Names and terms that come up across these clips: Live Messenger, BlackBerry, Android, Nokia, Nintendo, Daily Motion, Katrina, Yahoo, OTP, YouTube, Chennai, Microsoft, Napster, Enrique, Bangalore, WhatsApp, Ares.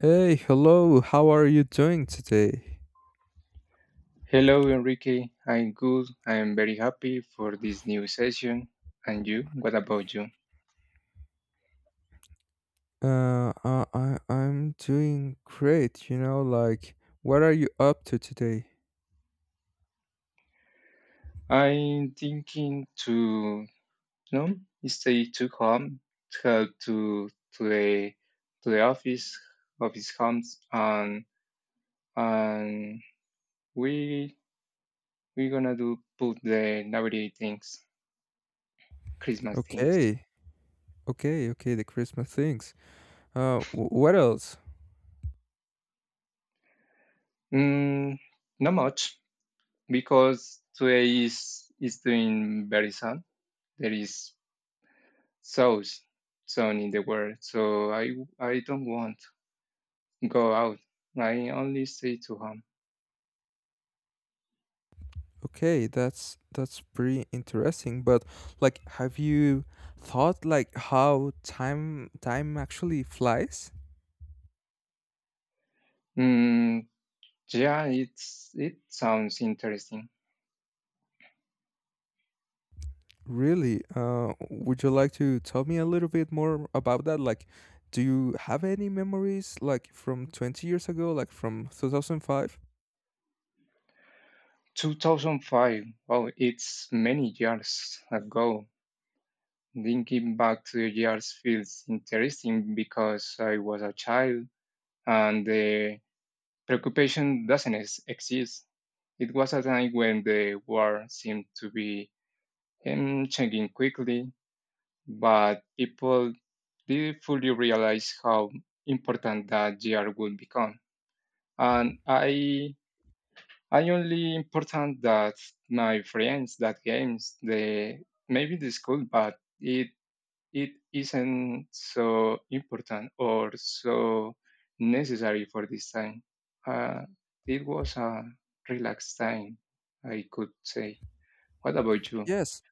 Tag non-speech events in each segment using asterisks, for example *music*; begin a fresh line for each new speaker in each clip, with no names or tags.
Hey, hello. How are you doing today?
Hello, Enrique. I'm good. I'm very happy for this new session. And you? What about you?
I'm doing great. What are you up to today?
I'm thinking to no stay too home, to to to the to the office homes and we we gonna do put the nowadays things, Christmas things.
Okay, okay. The Christmas things. What else?
Mm, Not much because today is doing very sun. There is souls sown in the world. So I don't want to go out. I only stay to home.
Okay, that's pretty interesting. But have you thought how time actually flies?
Mm, yeah, it sounds interesting.
Really? Would you like to tell me a little bit more about that? Do you have any memories like from 20 years ago, like from 2005?
2005. Oh, it's many years ago. Thinking back to the years feels interesting because I was a child and the preoccupation doesn't exist. It was a time when the world seemed to be changing quickly, but people didn't fully realize how important that year would become. And I only important that my friends, that games, the maybe the school, but it isn't so important or so necessary for this time. Uh, it was a relaxed time, I could say. What about you?
Yes,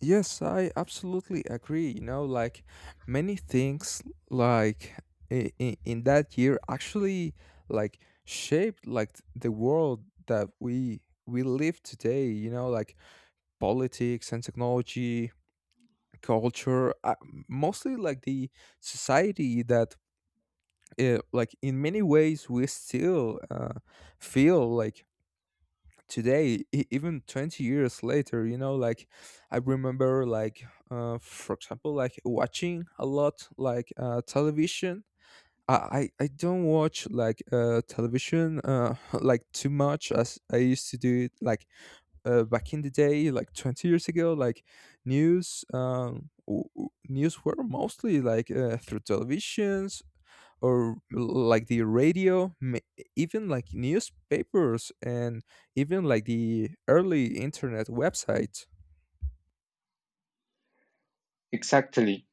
yes, I absolutely agree. Many things like in that year actually like shaped the world that we live today, politics and technology, culture, mostly like the society that like in many ways we still feel like today, even 20 years later. I remember for example watching a lot television. I don't watch television *laughs* too much as I used to do it back in the day, like 20 years ago. News, news were mostly through televisions or like the radio, even like newspapers and even like the early internet websites.
Exactly.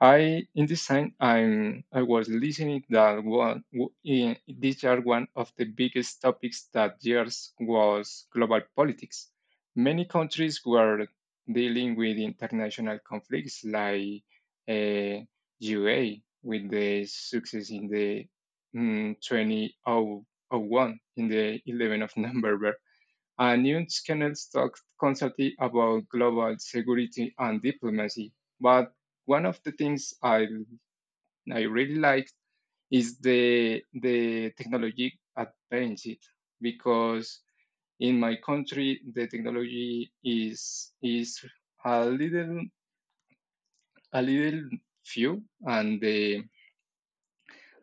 I in this time I was listening that one these are one of the biggest topics that years was global politics. Many countries were dealing with international conflicts, like uh, UA, with the success in the 2001, in the 11th of *laughs* November, and news Kennels talked constantly about global security and diplomacy. But one of the things I really liked is the technology advantage, because in my country, the technology is a little, a little few, and the,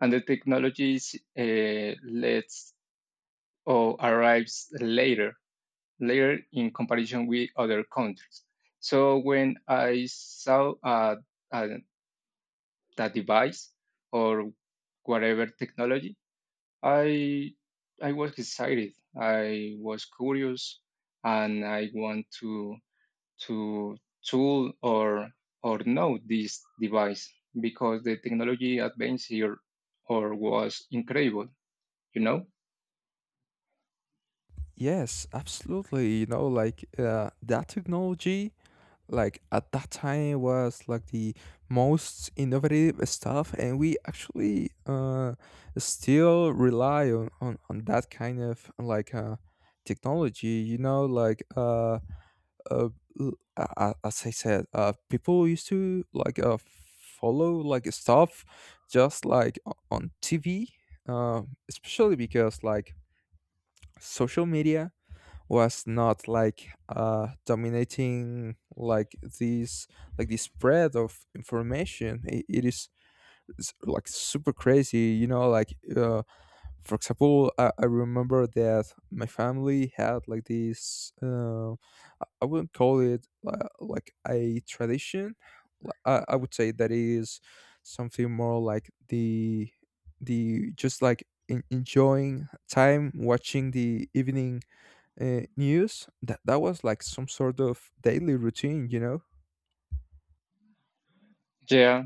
and the technologies lets or arrives later layer in comparison with other countries. So when I saw uh, that device or whatever technology, I I was excited. I was curious, and I want to tool or know this device because the technology advance here or was incredible. You know.
Yes, absolutely. That technology at that time it was like the most innovative stuff, and we actually still rely on that kind of technology. Uh as I said, people used to follow stuff just on TV, uh, especially because social media was not dominating like the spread of information. It is like super crazy. For example, I remember that my family had like this I wouldn't call it like a tradition. I would say that is something more like the just like enjoying time watching the evening news. That was like some sort of daily routine, you know.
Yeah,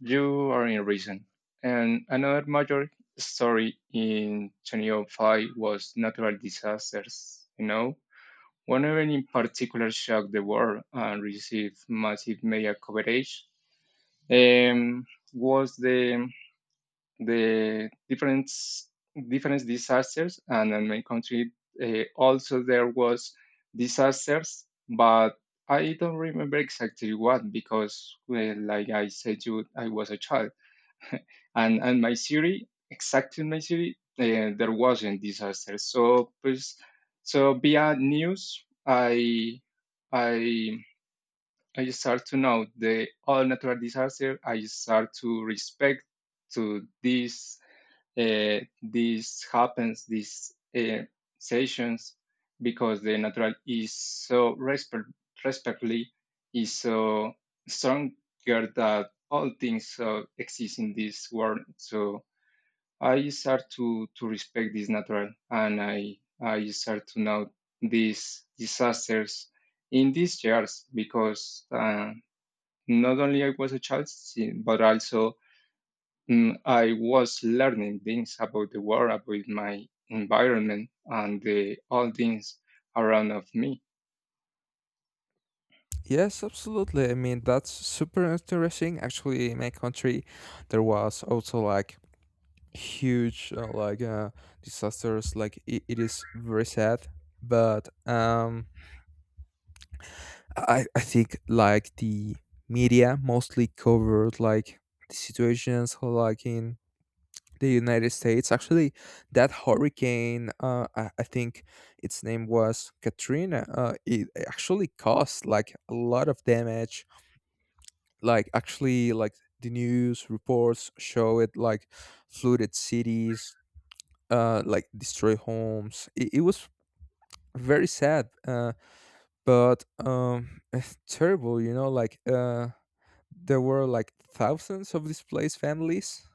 you are in reason. And another major story in 2005 was natural disasters. One event in particular shocked the world and received massive media coverage. Um, was the different disasters, and in my country also there was disasters, but I don't remember exactly what, because, well, like I said, you I was a child, and my city, exactly in my city, there wasn't disaster. So pues, so via news, I I start to know the all natural disaster. I start to respect to this, this happens these, sessions, because the natural is so respectfully, is so stronger that all things, exist in this world. So I start to respect this natural, and I start to know these disasters in these years, because not only I was a child, but also, I was learning things about the world, about my environment, and the all things around of me.
Yes, absolutely. I mean, that's super interesting. Actually, in my country, there was also like huge disasters. It, it is very sad, but I think like the media mostly covered the situations like in the United States. Actually, that hurricane, I think its name was Katrina. It actually caused like a lot of damage. Actually, the news reports show it like flooded cities, like destroy homes. It was very sad, but *laughs* terrible. There were like thousands of displaced families.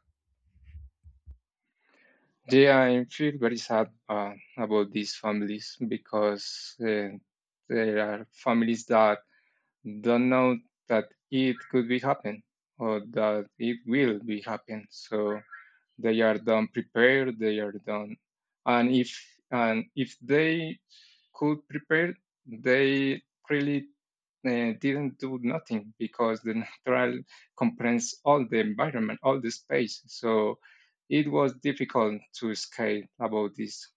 Yeah, I feel very sad about these families, because there are families that don't know that it could be happen, or that it will be happen, so they are done prepared, they are done, and if they could prepare, they really didn't do nothing, because the *laughs* natural comprehends all the environment, all the space, so it was difficult to escape about this.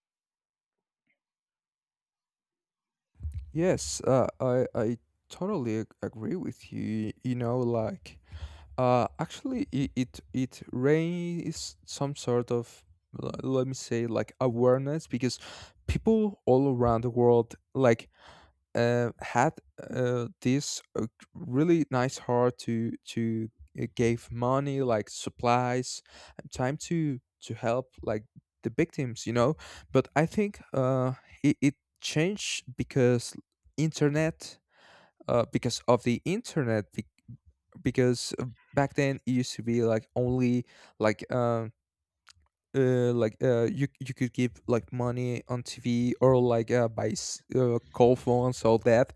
Yes, I totally agree with you. You know, like actually, it, it raises some sort of, let me say, like awareness, because people all around the world had this really nice heart to gave money, like supplies and time to help the victims, you know. But I think it changed because internet because of the internet, be- because back then it used to be like only like um you could give like money on TV, or call phones, all that.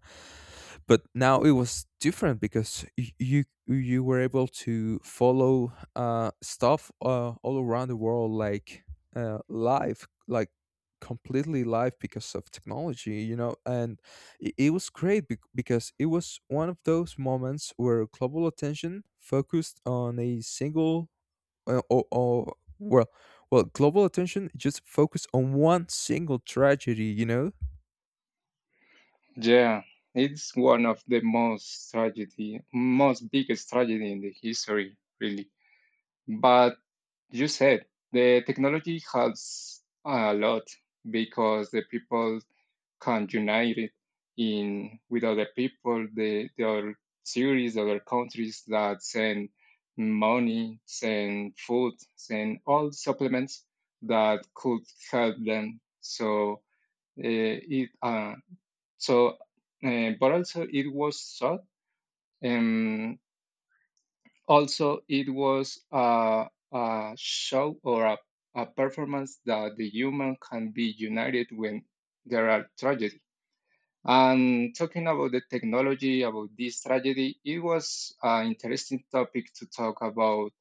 But now it was different because you were able to follow stuff all around the world live, completely live, because of technology, you know. And it was great, because it was one of those moments where global attention focused on a single, or well well, global attention just focused on one single tragedy, you know.
Yeah, it's one of the most tragedy, most biggest tragedy in the history, really. But you said the technology helps a lot, because the people can unite it in with other people, the other cities, other countries that send money, send food, send all supplements that could help them. So it, so, but also it was thought. Um, Also, it was a show, or a performance, that the human can be united when there are tragedy. And talking about the technology, about this tragedy, it was an interesting topic to talk about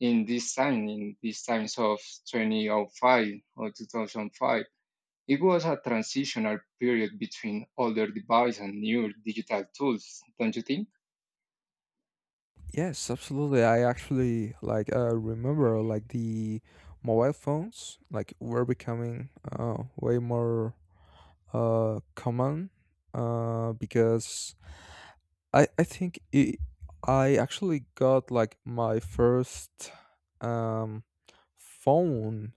in this time, in these times of 2005 or 2005. It was a transitional period between older devices and newer digital tools, don't you think?
Yes, absolutely. I actually remember the mobile phones like were becoming way more common, because I think I actually got like my first um phone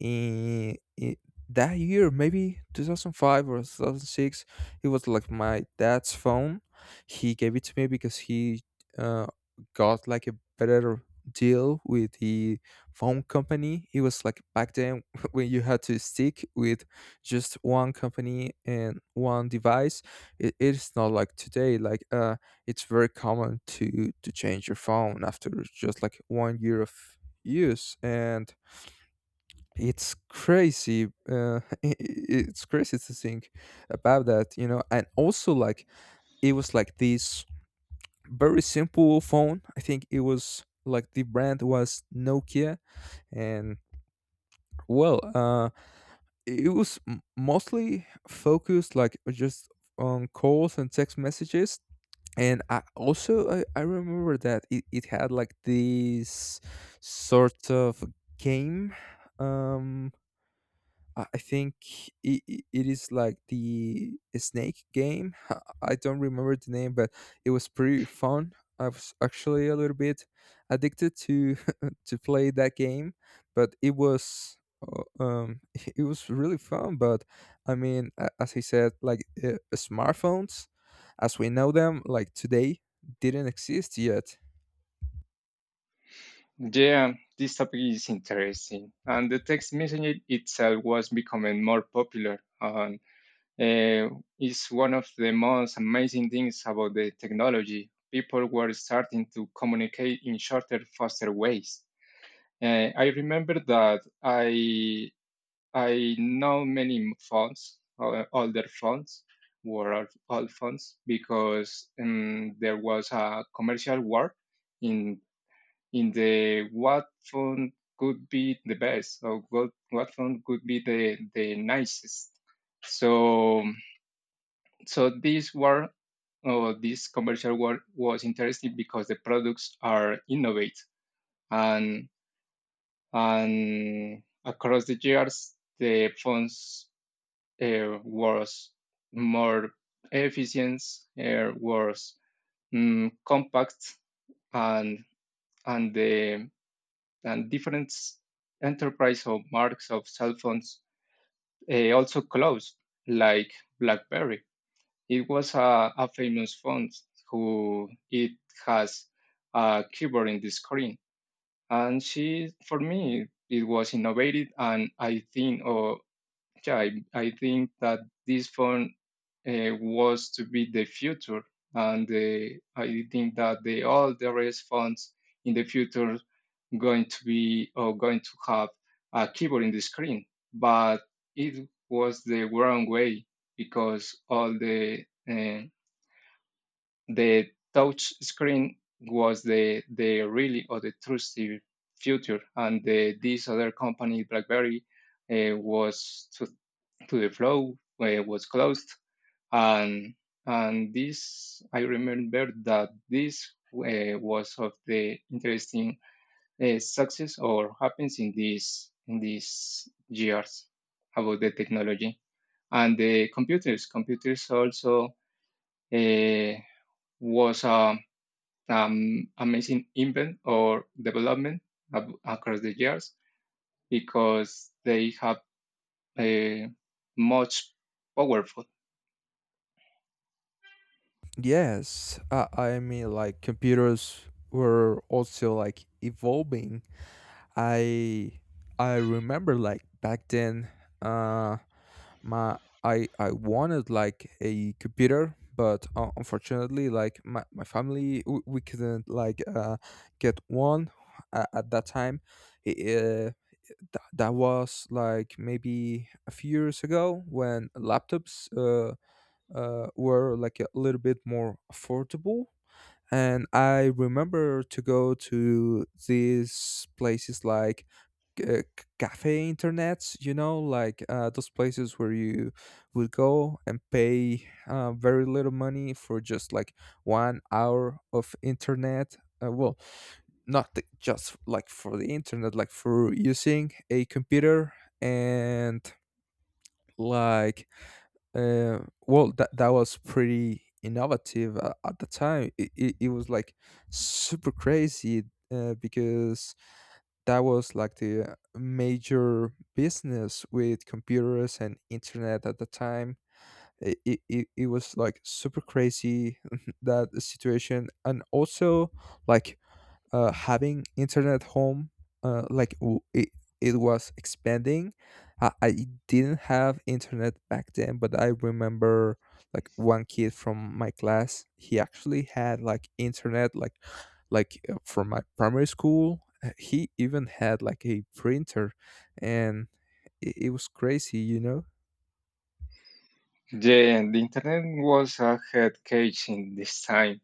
in that year, maybe 2005 or 2006. It was like my dad's phone. He gave it to me because he uh, got like a better deal with the phone company. It was like back then *laughs* when you had to stick with just one company and one device. It, it's not like today. It's very common to change your phone after just like 1 year of use, and it's crazy, *laughs* it's crazy to think about that, you know. And also it was like this very simple phone. I think it was like the brand was Nokia, and well uh it was mostly focused like just on calls and text messages. And I remember that it had like this sort of game. um I think it, it is like the snake game. *laughs* I don't remember the name, but it was pretty fun. I was actually a little bit addicted to *laughs* to play that game, but it was uh, um *laughs* it was really fun. But I mean, as I said, smartphones, as we know them, like today, didn't exist yet.
Yeah, this topic is interesting. And the text messaging itself was becoming more popular. And it's one of the most amazing things about the technology. People were starting to communicate in shorter, faster ways. I remember that I know many phones, older phones, were old phones because there was a commercial war in in the what phone could be the best, or what phone could be the nicest. So so this war, or this commercial war, was interesting because the products are innovate, and and across the years the phones was more efficient, was compact, and and the and different enterprise or marks of cell phones, also closed, like BlackBerry. It was a famous phone, who it has a keyboard in the screen, and she for me it was innovative, and I think or yeah, I think that this phone was to be the future, and I think that the all the rest phones in the future going to be, or going to have, a keyboard in the screen, but it was the wrong way, because all the touch screen was the really, or the trusty future, and this other company BlackBerry was to the flow, was closed, and and this, I remember, that this was of the interesting success or happens in these years about the technology and the computers. Computers also uh, was a amazing invent or development across the years, because they have uh, much powerful.
Yes, I mean, like computers were also like evolving. I I remember like back then, uh, my I wanted like a computer, but unfortunately, like my family, we couldn't get one at that time. It, that That was like maybe a few years ago when laptops were like a little bit more affordable. And I remember to go to these places cafe internets, you know, those places where you would go and pay very little money for just like 1 hour of internet. Uh, well, not just like for the internet, like for using a computer, and like uh, that was pretty innovative at the time. It was like super crazy, because that was like the major business with computers and internet at the time. It was like super crazy *laughs* that situation. And also like having internet at home uh, like w- it, it was expanding. I didn't have internet back then, but I remember one kid from my class, he actually had like internet from my primary school. He even had like a printer, and it was crazy, you know.
Yeah, the internet was a head cage in this time.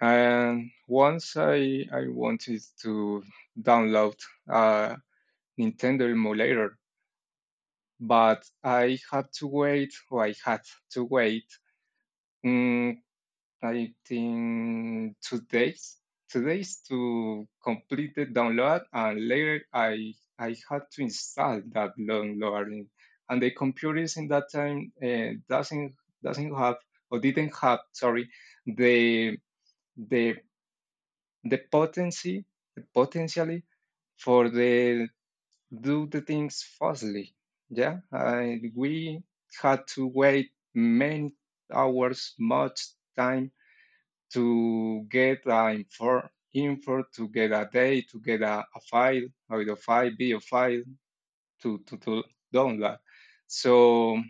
And once I wanted to download a Nintendo emulator, but I had to wait, mm, I think 2 days, 2 days to complete the download, and later I had to install that download, and the computers in that time, doesn't have, or didn't have, sorry, the the the potency, potentially, for the do the things fastly. Yeah, we had to wait many hours, much time, to get info, to get a day, to get a file, audio file, video file, to download. So,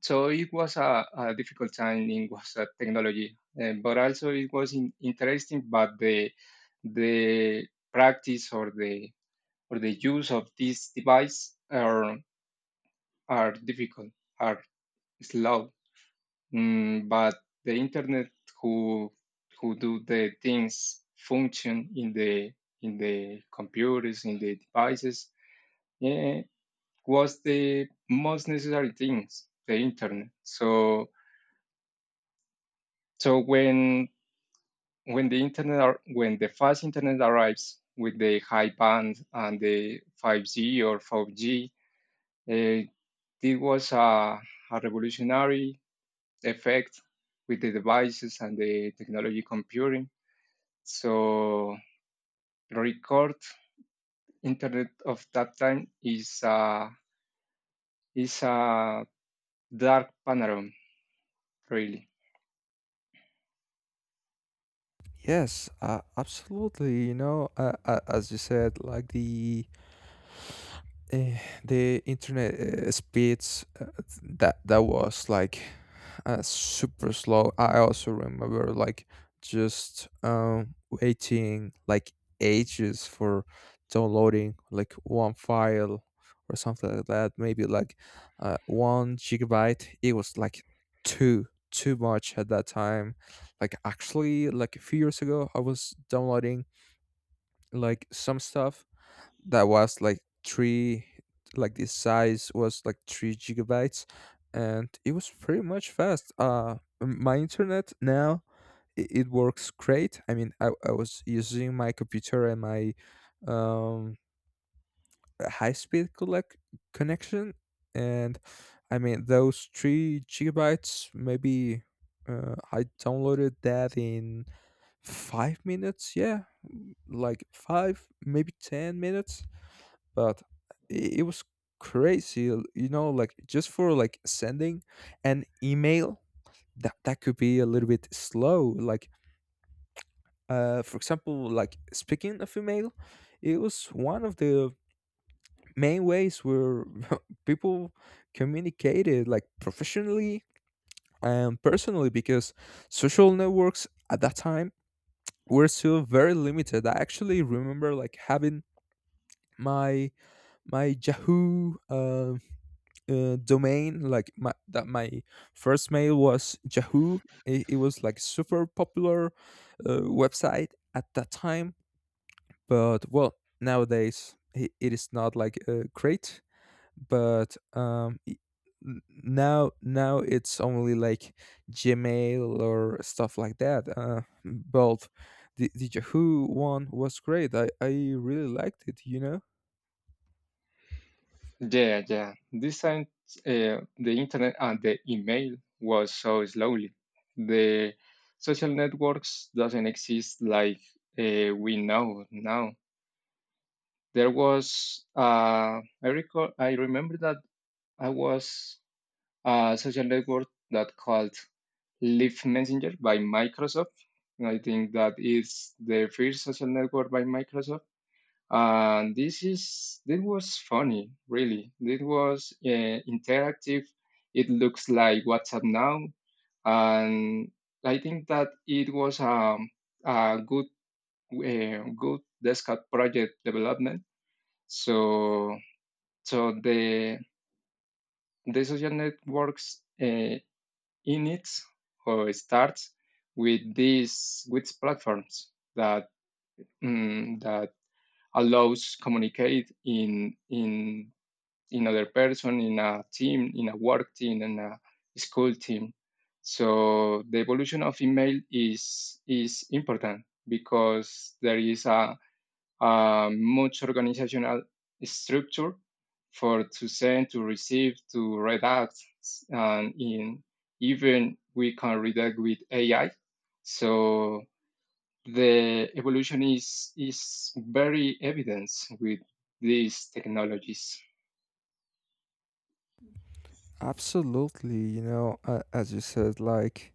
so, it was a difficult time in WhatsApp technology, but also it was interesting. But the practice, or the use of this device, or are difficult, are slow, but the internet, who who do the things function in the computers, in the devices, yeah, was the most necessary things, the internet. So when when the fast internet arrives with the high band and the 5G or 4G, uh, it was a revolutionary effect with the devices and the technology computing. So record internet of that time is a dark panorama, really.
Yes, absolutely, you know. As you said, the internet speeds, that was like super slow. I also remember like just waiting like ages for downloading like one file or something like that. Maybe like 1 gigabyte. It was like too much at that time. Actually, like a few years ago, I was downloading like some stuff that was like three like the size was like 3 gigabytes, and it was pretty much fast. My internet now, it works great. I mean, I was using my computer and my um high speed collect connection, and I mean those 3 gigabytes, maybe, I downloaded that in 5 minutes. Yeah, like 5 maybe 10 minutes But it was crazy, you know. Like just for like sending an email, that could be a little bit slow. For example, like speaking of email, it was one of the main ways where *laughs* people communicated, like professionally and personally, because social networks at that time were still very limited. I actually remember like having my my Yahoo domain. My first mail was Yahoo. It was like super popular website at that time. But nowadays it is not great. But now it's only like Gmail or stuff like that. But the Yahoo one was great. I really liked it, you know.
Yeah, yeah. This time, the internet and the email was so slowly. The social networks doesn't exist like, we know now. There was, I remember that I was a social network that called Live Messenger by Microsoft. I think that is the first social network by Microsoft. And this was funny, really. It was interactive. It looks like WhatsApp now, and I think that it was a good desktop project development. So so the social networks. Inits, or starts, with these, with platforms that, that allows communicate in other person, in a team, in a work team, in a school team, so the evolution of email is important, because there is a, much organizational structure, for to send, to receive, to redact, and in even we can redact with AI. So the evolution is very evident with these technologies.
Absolutely, you know. As you said,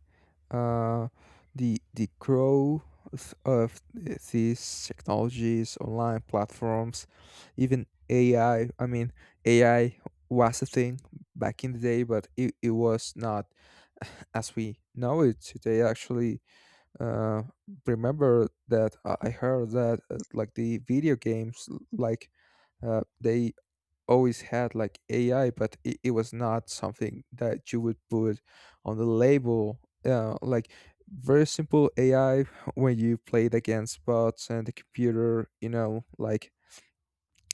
uh, the growth of these technologies, online platforms, even AI. I mean, AI was a thing back in the day, but it was not *laughs* as we know it today. Actually, uh, remember that I heard that like the video games, they always had like AI, but it was not something that you would put on the label. Uh, like Very simple AI *laughs* when you played against bots and the computer, you know.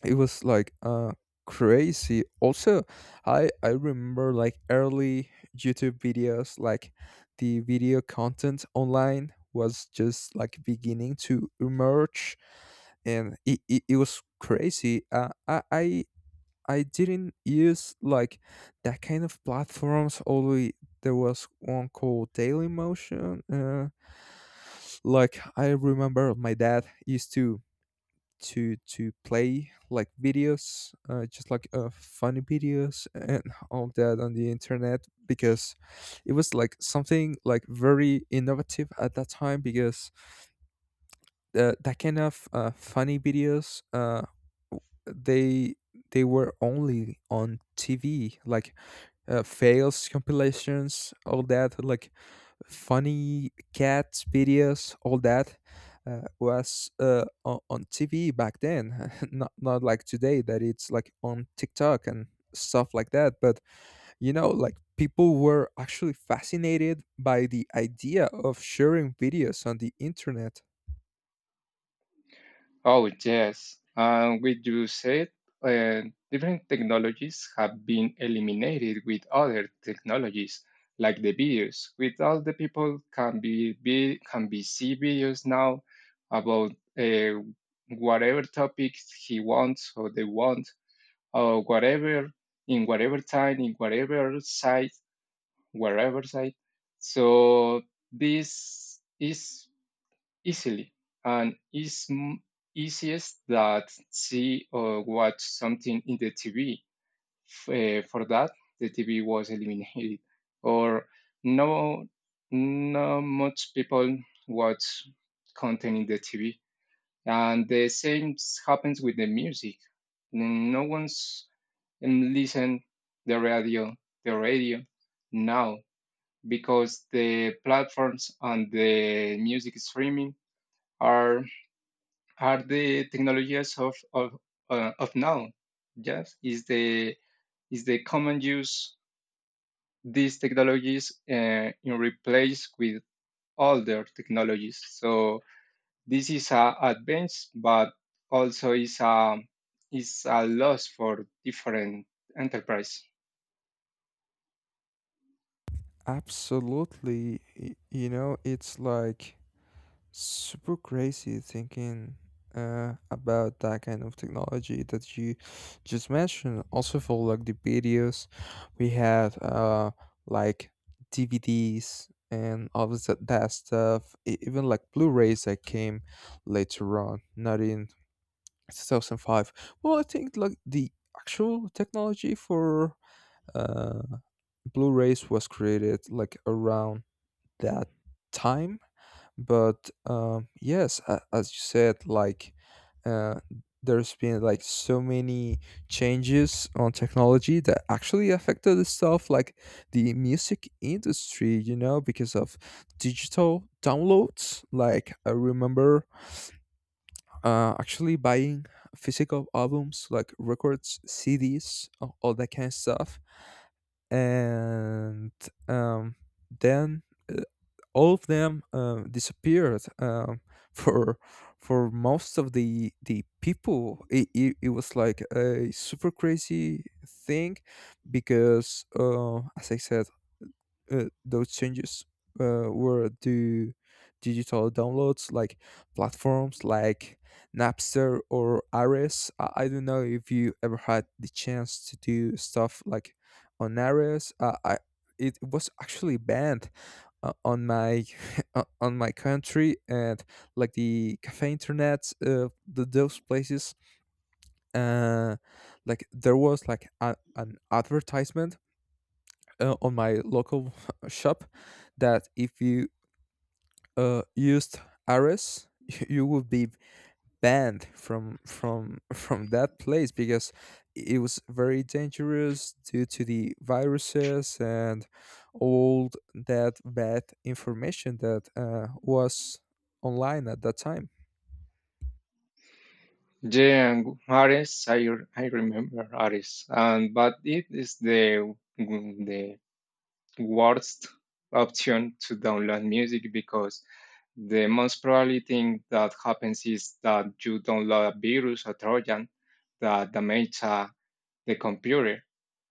It was like crazy. Also, I remember like early YouTube videos, like the video content online was just like beginning to emerge, and it was crazy. I didn't use like that kind of platforms. Although there was one called Daily Motion. I remember my dad used to play like videos, just like funny videos and all that on the internet, because it was like something like very innovative at that time. Because that kind of funny videos, w- they they were only on TV, like fails compilations, all that, like funny cat videos, all that on TV back then, *laughs* not not like today, that it's like on TikTok and stuff like that. But you know, like people were actually fascinated by the idea of sharing videos on the internet.
Oh, yes. And with you said, uh, different technologies have been eliminated with other technologies, like the videos. With all, the people can be see videos now about, uh, whatever topics he wants or they want, or whatever, in whatever time, in whatever site, wherever site. So this is easily, and it's easiest that see or watch something in the TV. For that, the TV was eliminated, or no, not much people watch content in the TV, and the same happens with the music. No one's listen the radio, the radio now, because the platforms and the music streaming are are the technologies of now. Yes, is the common use these technologies, in replace with older technologies. So this is a advance, but also is a loss for different enterprise.
Absolutely. You know, it's like super crazy thinking about that kind of technology that you just mentioned. Also, for like the videos, we had like DVDs and all of that, that stuff, even like Blu rays that came later on, not in 2005. Well, I think like the actual technology for uh, Blu rays was created like around that time. But Yes, as you said, uh there's been like so many changes on technology that actually affected the stuff like the music industry, you know, because of digital downloads. Like I remember actually buying physical albums, like records, CDs, all that kind of stuff. And um, then uh, all of them disappeared. *laughs* For for most of the people, it was like a super crazy thing. Because as I said, those changes were to digital downloads, like platforms like Napster or Ares. I don't know if you ever had the chance to do stuff like on Ares. I It was actually banned on my *laughs* on my country. And like the cafe internet, those places, uh like there was like an advertisement on my local *laughs* shop that if you used Ares, *laughs* you would be banned from *laughs* from that place, because it was very dangerous due to the viruses and all that bad information that was online at that time.
Yeah, and Ares, I remember Ares, and but it is the worst option to download music, because the most probably thing that happens is that you download a virus or Trojan that damage, the computer.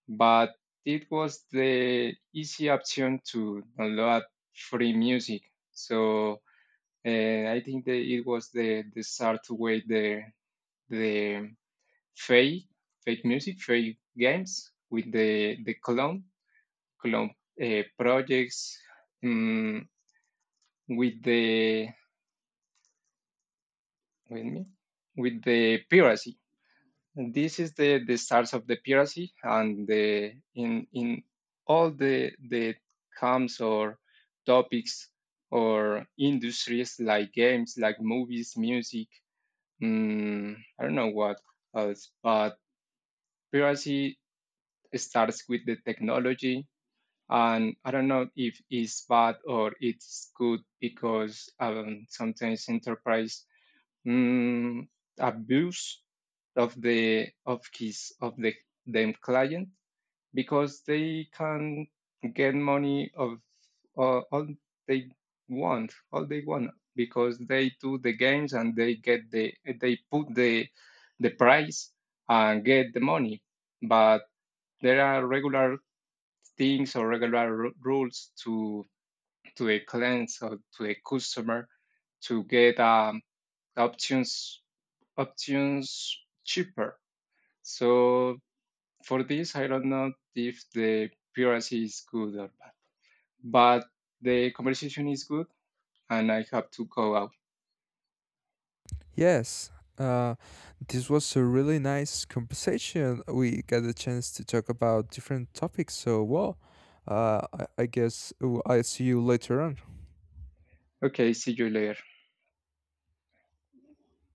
But it was the easy option to download free music. So, I think that it was the start to way the fake, fake music, fake games, with the clone club, projects, um, with the with me with the piracy. This is the start of the piracy, and the in all the camps, or topics, or industries, like games, like movies, music. I don't know what else, but piracy starts with the technology, and I don't know if it's bad or it's good, because sometimes enterprise, mm, abuse of the them client, because they can get money of, uh, all they want all they want, because they do the games and they get the, they put the price and get the money, but there are regular things, or regular rules to a clients or to a customer to get, options options cheaper. So for this, I don't know if the piracy is good or bad, but the conversation is good, and I have to go out.
Yes, uh, this was a really nice conversation. We got a chance to talk about different topics. So, well, I guess I'll see you later on.
Okay, see you later.